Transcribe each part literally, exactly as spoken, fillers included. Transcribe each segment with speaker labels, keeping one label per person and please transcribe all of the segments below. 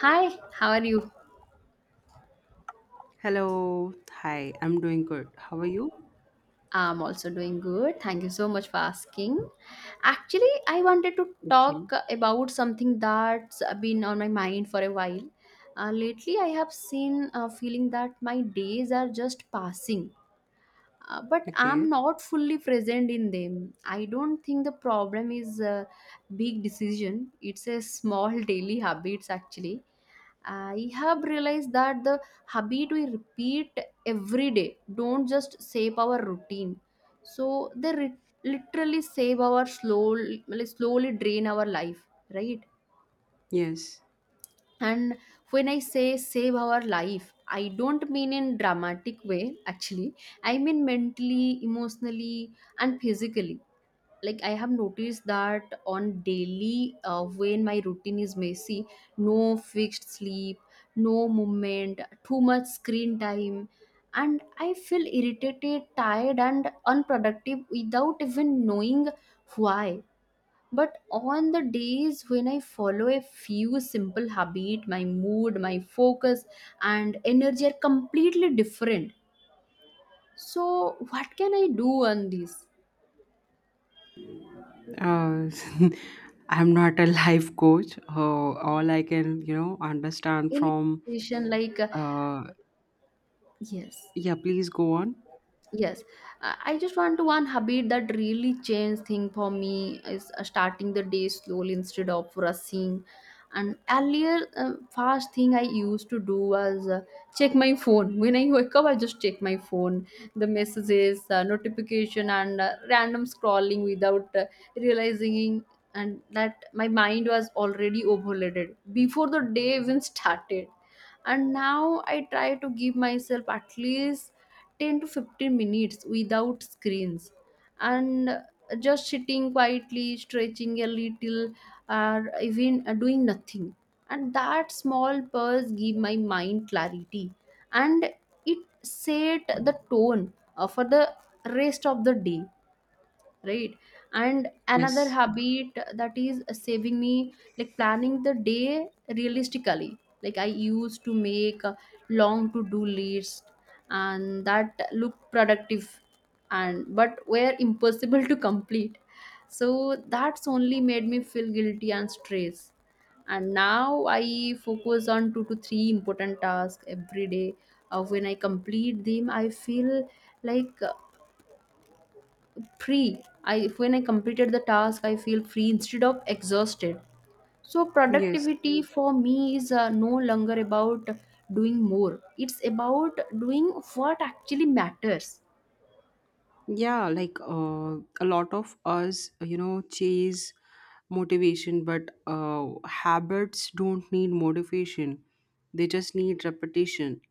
Speaker 1: Hi, how are you?
Speaker 2: Hello. Hi. I'm doing good. How are you?
Speaker 1: I'm also doing good. Thank you so much for asking. Actually, I wanted to
Speaker 2: Okay.
Speaker 1: talk about something that's been on my mind for a while. Uh, lately, I have seen a feeling that my days are just passing, uh, but I'm
Speaker 2: Okay.
Speaker 1: not fully present in them. I don't think the problem is a big decision, it's a small daily habits, actually. I have realized that the habit we repeat every day don't just save our routine, so they re- literally save our slow, like, slowly drain our life, right?
Speaker 2: Yes.
Speaker 1: And when I say save our life, I don't mean in dramatic way. Actually, I mean mentally, emotionally, and physically. Like, I have noticed that on daily, uh, when my routine is messy, no fixed sleep, no movement, too much screen time, and I feel irritated, tired, and unproductive without even knowing why. But on the days when I follow a few simple habit, my mood, my focus and energy are completely different. So what can I do on this?
Speaker 2: Uh, I'm not a life coach. Uh, all I can, you know, understand
Speaker 1: Any
Speaker 2: from.
Speaker 1: situation like, uh,
Speaker 2: Uh,
Speaker 1: yes.
Speaker 2: yeah. Please go on.
Speaker 1: Yes, I I just want to one habit that really changed thing for me is, uh, starting the day slowly instead of rushing. And earlier, uh, first thing I used to do was, uh, check my phone. When I wake up, I just check my phone, the messages, uh, notification, and uh, random scrolling without uh, realizing. And that my mind was already overloaded before the day even started. And now I try to give myself at least ten to fifteen minutes without screens, and just sitting quietly, stretching a little, or even uh, doing nothing. And that small pause give my mind clarity, and it set the tone, uh, for the rest of the day, right? And another
Speaker 2: Yes.
Speaker 1: habit that is saving me, like planning the day realistically. Like, I used to make a long to do list and that looked productive and but were impossible to complete, so that's only made me feel guilty and stressed. And now I focus on two to three important tasks every day. Uh, when I complete them I feel like, uh, free. I When I completed the task I feel free instead of exhausted. So
Speaker 2: Yes.
Speaker 1: productivity for me is, uh, no longer about doing more, it's about doing what actually matters.
Speaker 2: Yeah. Like uh, a lot of us, you know, chase motivation, but uh, habits don't need motivation. They just need repetition.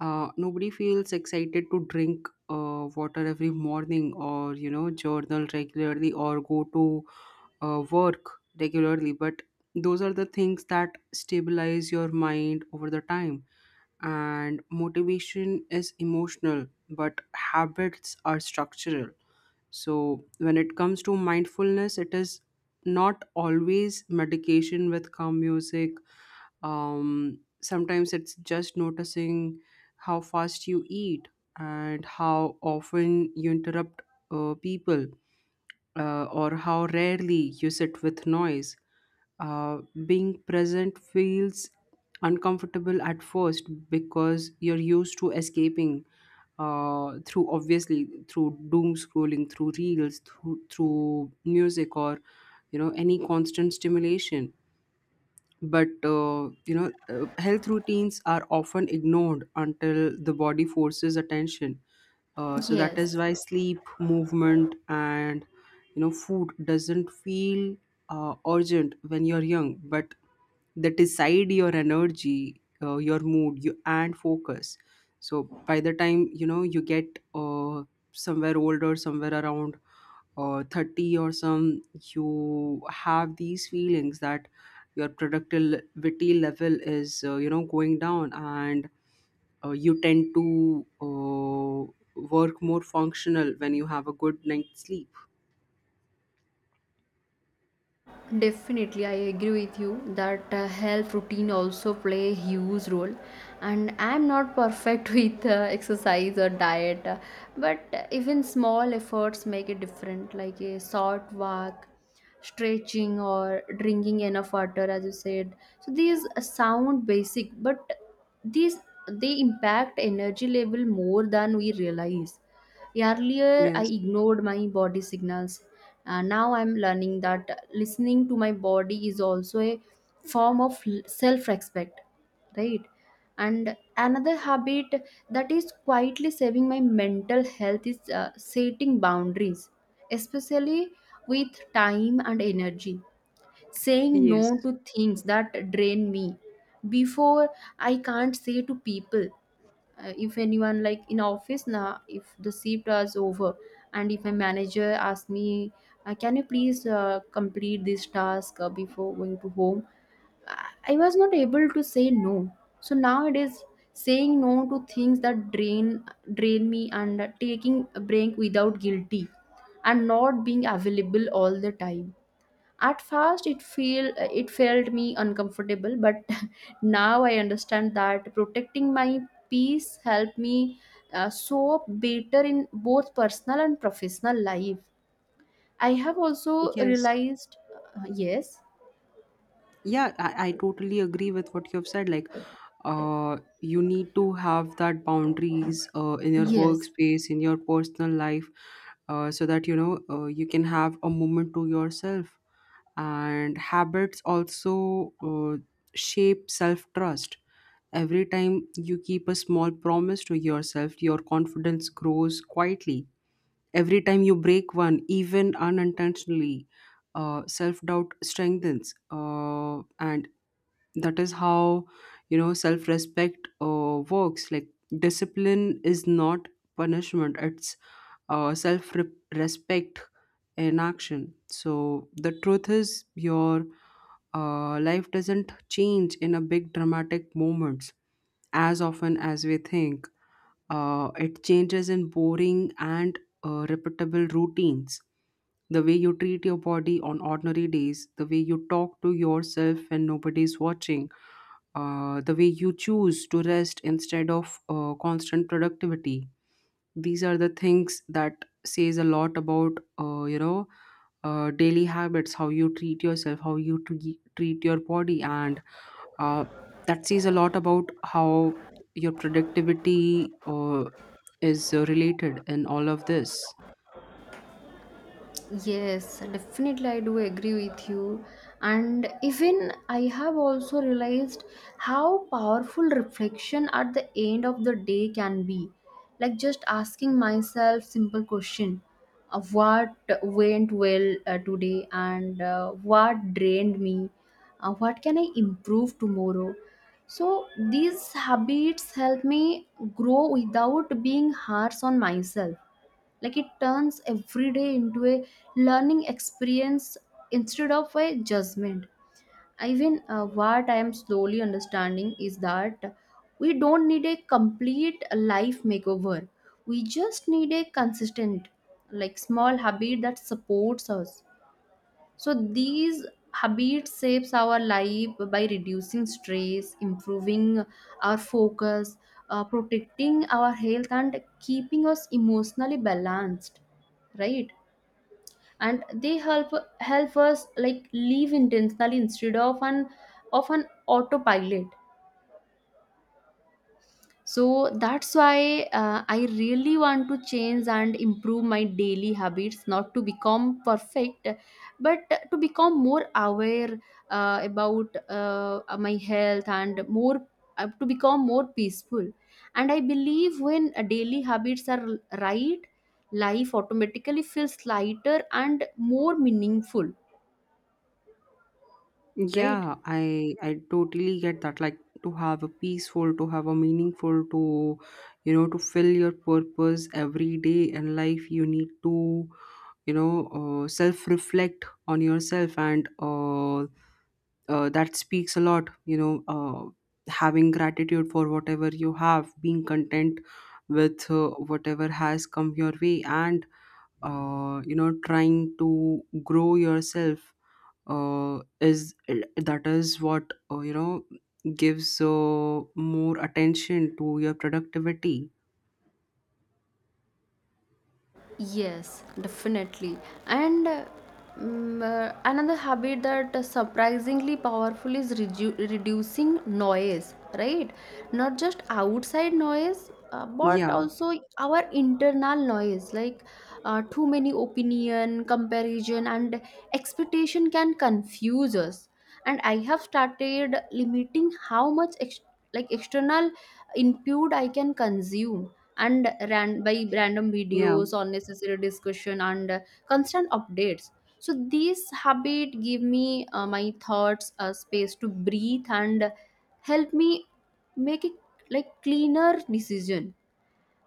Speaker 2: Uh, nobody feels excited to drink uh, water every morning or, you know, journal regularly or go to uh, work regularly. But those are the things that stabilize your mind over the time. And motivation is emotional, but habits are structural. So when it comes to mindfulness, it is not always medication with calm music. um, sometimes it's just noticing how fast you eat and how often you interrupt uh, people, uh, or how rarely you sit with noise. uh, being present feels uncomfortable at first, because you're used to escaping, uh, through obviously through doom scrolling, through reels, through, through music, or you know, any constant stimulation. But uh, you know, uh, health routines are often ignored until the body forces attention. uh, so that
Speaker 1: Yes.
Speaker 2: is why sleep, movement, and you know, food doesn't feel uh, urgent when you're young, but they decide your energy, uh, your mood, you and focus. So by the time you know you get uh, somewhere older, somewhere around uh, thirty or some, you have these feelings that your productivity level is uh, you know, going down, and uh, you tend to uh, work more functional when you have a good night's sleep.
Speaker 1: Definitely, I agree with you that uh, health routine also play a huge role, and I'm not perfect with uh, exercise or diet, uh, but uh, even small efforts make a difference, like a short walk, stretching, or drinking enough water, as you said. So these sound basic, but these they impact energy level more than we realize. Earlier, I
Speaker 2: Yes.
Speaker 1: ignored my body signals. Uh, now I'm learning that listening to my body is also a form of self respect, right? And another habit that is quietly saving my mental health is, uh, setting boundaries, especially with time and energy. Saying
Speaker 2: Yes.
Speaker 1: no to things that drain me before I can't say to people. Uh, if anyone like in office now, if the shift is over and if a manager asks me, uh, can you please uh, complete this task uh, before going to home, i I was not able to say no. So nowadays, saying no to things that drain drain me, and taking a break without guilty, and not being available all the time. At first, it feel it felt me uncomfortable, but now I understand that protecting my peace helped me, uh, so better in both personal and professional life. I have also
Speaker 2: Yes.
Speaker 1: realized, uh, yes,
Speaker 2: Yeah I, I totally agree with what you've said. Like, uh you need to have that boundaries uh, in your
Speaker 1: yes.
Speaker 2: workspace, in your personal life, uh, so that you know, uh, you can have a moment to yourself. And habits also uh, shape self trust. Every time you keep a small promise to yourself, your confidence grows quietly. Every time you break one, even unintentionally, uh, self doubt strengthens. Uh, and that is how, you know, self respect uh, works. Like, discipline is not punishment, it's uh, self respect in action. So, the truth is, your uh, life doesn't change in a big dramatic moments as often as we think. uh, it changes in boring and uh, repeatable routines. The way you treat your body on ordinary days, the way you talk to yourself when nobody's watching, uh, the way you choose to rest instead of uh, constant productivity. These are the things that says a lot about uh, you know, uh, daily habits, how you treat yourself, how you tre- treat your body, and uh, that says a lot about how your productivity uh, is uh, related in all of this.
Speaker 1: Yes, definitely, I do agree with you. And even I have also realized how powerful reflection at the end of the day can be. Like, just asking myself simple question of what went well uh, today, and uh, what drained me, uh, what can I improve tomorrow. So these habits help me grow without being harsh on myself, like it turns every day into a learning experience instead of a judgment. Even uh, what I am slowly understanding is that we don't need a complete life makeover. We just need a consistent, like small habit that supports us. So these habits shapes our life by reducing stress, improving our focus, uh, protecting our health, and keeping us emotionally balanced, right? And they help help us like live intentionally instead of an of an autopilot. So that's why, uh, I really want to change and improve my daily habits, not to become perfect, but to become more aware uh, about uh, my health and more, uh, to become more peaceful. And I believe when uh, daily habits are right, life automatically feels lighter and more meaningful, right?
Speaker 2: Yeah i i totally get that. Like, to have a peaceful, to have a meaningful, to you know, to fill your purpose every day in life, you need to, you know, uh, self reflect on yourself, and uh, uh, that speaks a lot you know. uh, having gratitude for whatever you have, being content with uh, whatever has come your way, and uh, you know, trying to grow yourself uh, is that is what uh, you know gives uh, more attention to your productivity.
Speaker 1: Yes, definitely. And uh, mm, uh, another habit that surprisingly powerful is redu- reducing noise, right? Not just outside noise, uh, but
Speaker 2: Yeah.
Speaker 1: also our internal noise, like uh, too many opinion, comparison, and expectation can confuse us. And I have started limiting how much ex- like external input I can consume, and ran by random
Speaker 2: Yeah.
Speaker 1: videos, unnecessary discussion, and uh, constant updates. So these habit give me, uh, my thoughts a space to breathe and help me make a like cleaner decision.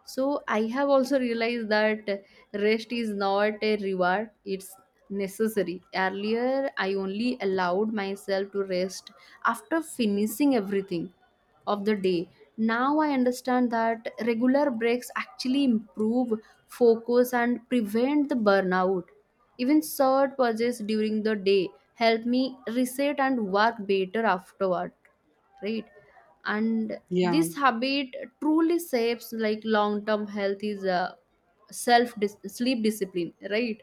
Speaker 1: So I have also realized that rest is not a reward, it's necessary. Earlier, I only allowed myself to rest after finishing everything of the day. Now I understand that regular breaks actually improve focus and prevent the burnout. Even short pauses during the day help me reset and work better afterward, right? And
Speaker 2: Yeah.
Speaker 1: this habit truly saves, like long term health is a self dis- sleep discipline, right?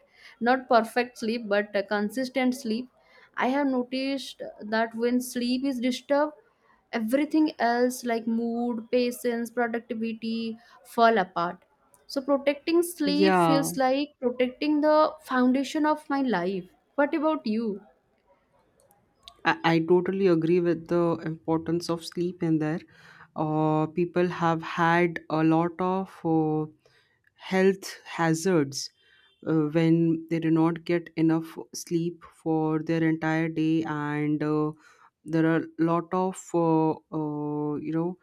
Speaker 1: Not perfect sleep but a consistent sleep. I have noticed that when sleep is disturbed, everything else like mood, patience, productivity fall apart. So protecting sleep
Speaker 2: yeah
Speaker 1: feels like protecting the foundation of my life. What about you?
Speaker 2: I, I totally agree with the importance of sleep in there. Uh, people have had a lot of uh, health hazards uh, when they do not get enough sleep for their entire day, and uh, there are a lot of uh, uh, you know,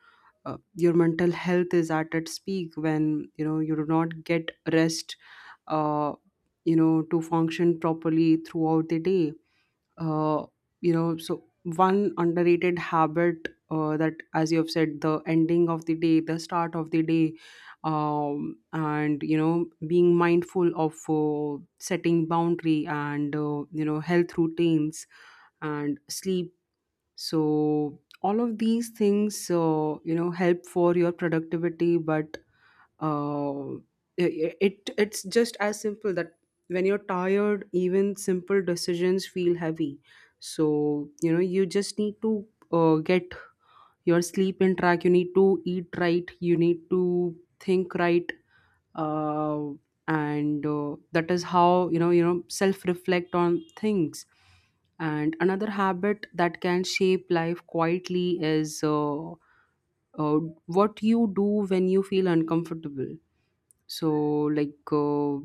Speaker 2: uh, your mental health is at its peak when you know you do not get rest. Uh, you know, to function properly throughout the day, uh, you know, so one underrated habit, uh, that as you have said, the ending of the day, the start of the day, um, and you know, being mindful of uh, setting boundary, and uh, you know, health routines and sleep. So all of these things, uh, you know, help for your productivity. But uh, it it's just as simple that when you're tired, even simple decisions feel heavy. So you know, you just need to uh, get your sleep in track, you need to eat right, you need to think right, uh, and uh, that is how you know, you know, self reflect on things. And another habit that can shape life quietly is uh, uh, what you do when you feel uncomfortable. So like uh,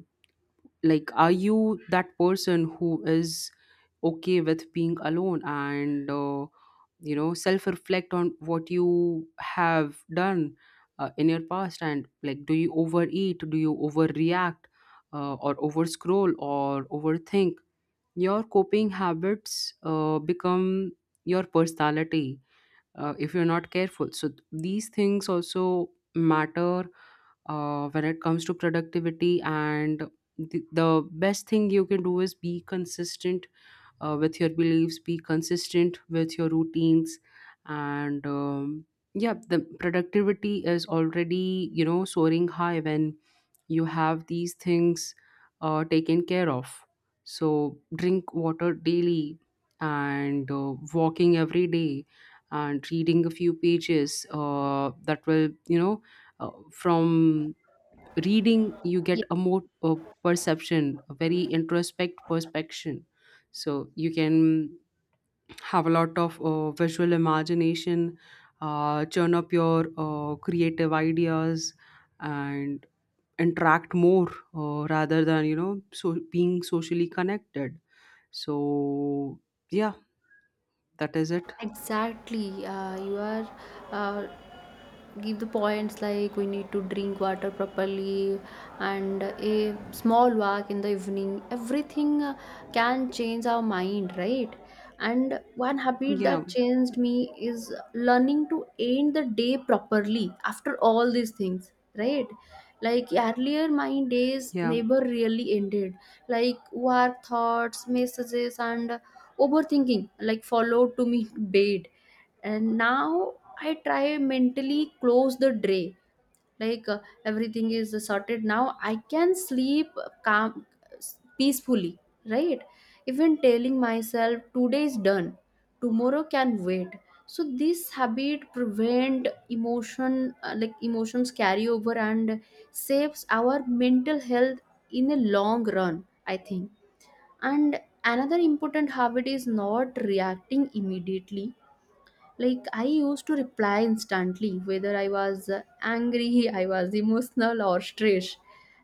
Speaker 2: like, are you that person who is okay with being alone, and uh, you know, self reflect on what you have done uh, in your past. And like, do you overeat, do you overreact, uh, or over scroll or overthink? Your coping habits uh, become your personality uh, if you're not careful. So th- these things also matter uh, when it comes to productivity. And the, the best thing you can do is be consistent uh, with your beliefs, be consistent with your routines, and um, yeah, the productivity is already, you know, soaring high when you have these things uh, taken care of. So drink water daily, and uh, walking every day, and reading a few pages, uh, that will you know, uh, from reading you get a more uh, perception, a very introspect perception. So you can have a lot of uh, visual imagination, uh, churn up your uh, creative ideas, and interact more uh, rather than you know, so being socially connected. So yeah, that is it.
Speaker 1: Exactly, uh, you are, uh, give the points like we need to drink water properly, and a small walk in the evening, everything, uh, can change our mind, right? And one habit
Speaker 2: Yeah.
Speaker 1: that changed me is learning to end the day properly after all these things, right? Like earlier my days
Speaker 2: Yeah.
Speaker 1: never really ended, like work thoughts, messages, and overthinking, like followed to me bed. And now I try mentally close the day, like, uh, everything is sorted now I can sleep calm, peacefully, right? Even telling myself today is done, tomorrow can wait. So this habit prevent emotion uh, like emotions carry over and saves our mental health in a long run, I think. And another important habit is not reacting immediately. Like, I used to reply instantly, whether I was uh, angry, I was emotional, or stressed.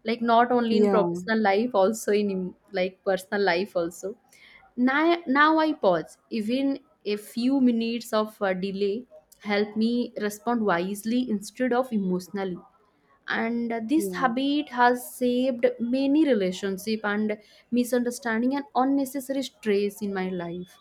Speaker 1: Like, not only in
Speaker 2: Yeah.
Speaker 1: professional life, also in em- like personal life, also. Now, now I pause. Even a few minutes of uh, delay help me respond wisely instead of emotionally. And uh, this
Speaker 2: Yeah.
Speaker 1: habit has saved many relationship and misunderstanding and unnecessary stress in my life.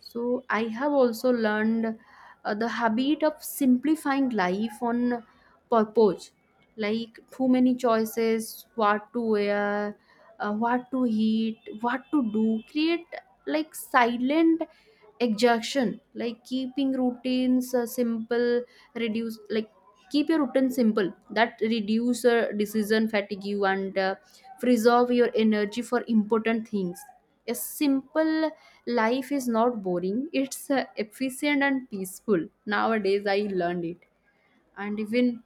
Speaker 1: So I have also learned uh, the habit of simplifying life on purpose, like too many choices, what to wear, uh, what to eat, what to do, create like silent exhaustion, like keeping routines uh, simple, reduce, like keep your routine simple that reduce uh, decision fatigue and uh, preserve your energy for important things. A simple life is not boring, it's uh, efficient and peaceful nowadays, I learned it. And even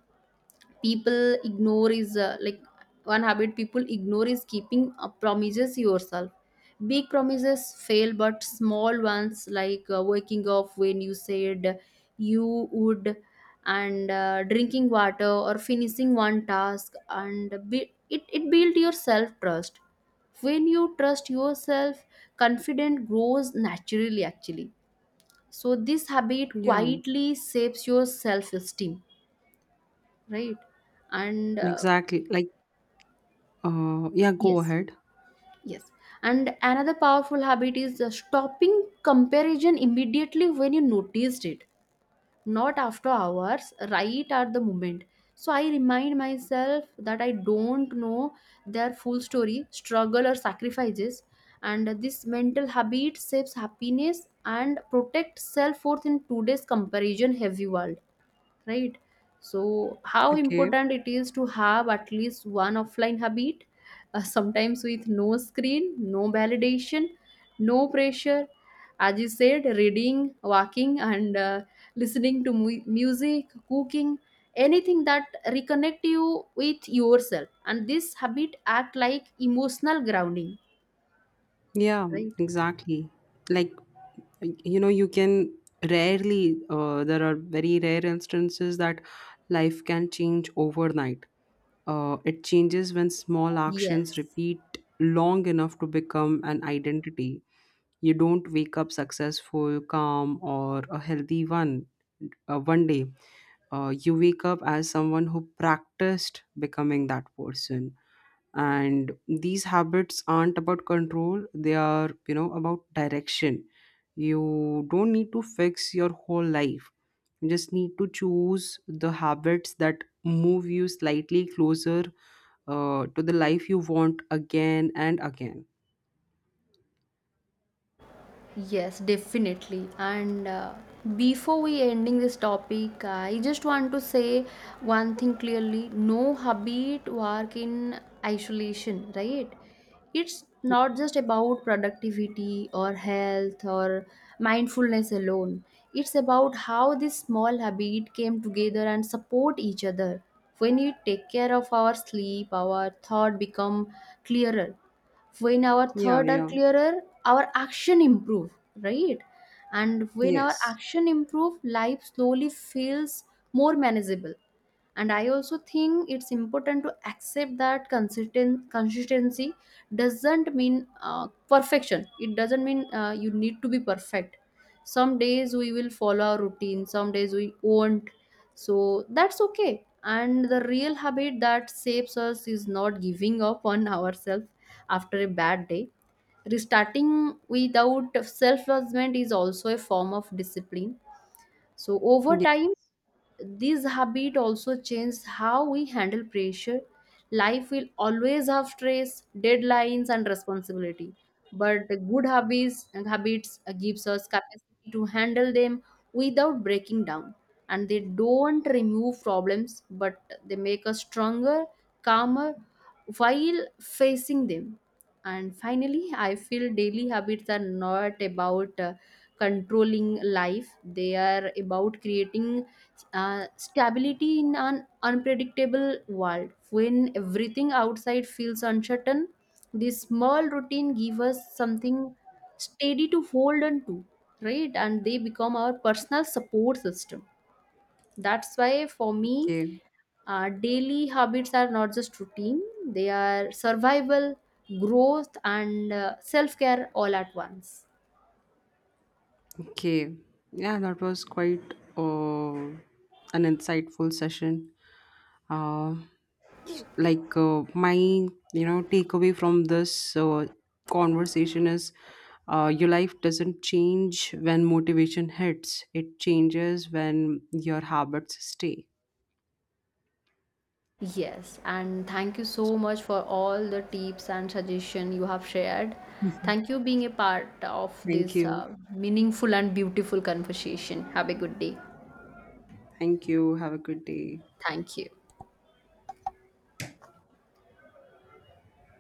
Speaker 1: people ignore is, uh, like one habit people ignore is keeping uh, promises yourself. Big promises fail, but small ones like uh, waking up when you said you would, and uh, drinking water, or finishing one task, and be- it, it built your self trust. When you trust yourself, confidence grows naturally, actually. So this habit
Speaker 2: Yeah.
Speaker 1: quietly shapes your self esteem, right? And uh,
Speaker 2: Exactly. Like uh yeah, go
Speaker 1: yes,
Speaker 2: ahead.
Speaker 1: yes. And another powerful habit is, uh, stopping comparison immediately when you noticed it, not after hours, right at the moment. So I remind myself that I don't know their full story, struggle, or sacrifices. And this mental habit saves happiness and protects self worth in today's comparison heavy world, right? So how
Speaker 2: Okay.
Speaker 1: important it is to have at least one offline habit, uh, sometimes with no screen, no validation, no pressure. As you said, reading, walking, and uh, listening to mu- music, cooking, anything that reconnect you with yourself. And this habit act like emotional grounding,
Speaker 2: Yeah,
Speaker 1: right?
Speaker 2: exactly. Like, you know, you can rarely, uh, there are very rare instances that life can change overnight. Uh, it changes when small actions
Speaker 1: Yes.
Speaker 2: repeat long enough to become an identity. You don't wake up successful, calm, or a healthy one uh, one day. Uh, you wake up as someone who practiced becoming that person. And these habits aren't about control, they are, you know, about direction. You don't need to fix your whole life, you just need to choose the habits that move you slightly closer, uh, to the life you want, again and again.
Speaker 1: Yes, definitely. And uh, before we ending this topic, I just want to say one thing clearly: no habit work in isolation, right? It's not just about productivity or health or mindfulness alone. It's about how this small habit came together and support each other. When we take care of our sleep, our thought become clearer. When our
Speaker 2: Yeah.
Speaker 1: thought are
Speaker 2: Yeah.
Speaker 1: clearer, our action improve, right? And when our
Speaker 2: Yes.
Speaker 1: action improve, life slowly feels more manageable. And I also think it's important to accept that consistent consistency doesn't mean uh, perfection, it doesn't mean uh, you need to be perfect. Some days we will follow our routine, some days we won't, so that's okay. And the real habit that saves us is not giving up on ourselves after a bad day. Restarting without self judgment is also a form of discipline. So over
Speaker 2: Yeah,
Speaker 1: time, this habit also changes how we handle pressure. Life will always have stress, deadlines, and responsibility. But the good habits habits gives us capacity to handle them without breaking down. And they don't remove problems, but they make us stronger, calmer while facing them. And finally, I feel daily habits are not about, uh, controlling life. They are about creating uh, stability in an unpredictable world. When everything outside feels uncertain, this small routine give us something steady to hold on to, right? And they become our personal support system. That's why for me,
Speaker 2: okay.
Speaker 1: uh, daily habits are not just routine, they are survival, growth, and uh, self-care all at once.
Speaker 2: Okay, yeah, that was quite uh, an insightful session. uh, like uh, my you know, takeaway from this uh, conversation is uh, your life doesn't change when motivation hits, it changes when your habits stay.
Speaker 1: Yes, and thank you so much for all the tips and suggestion you have shared. Thank you being a part of
Speaker 2: Thank
Speaker 1: this
Speaker 2: you.
Speaker 1: uh, meaningful and beautiful conversation. Have a good day.
Speaker 2: Thank you, have a good day.
Speaker 1: Thank you.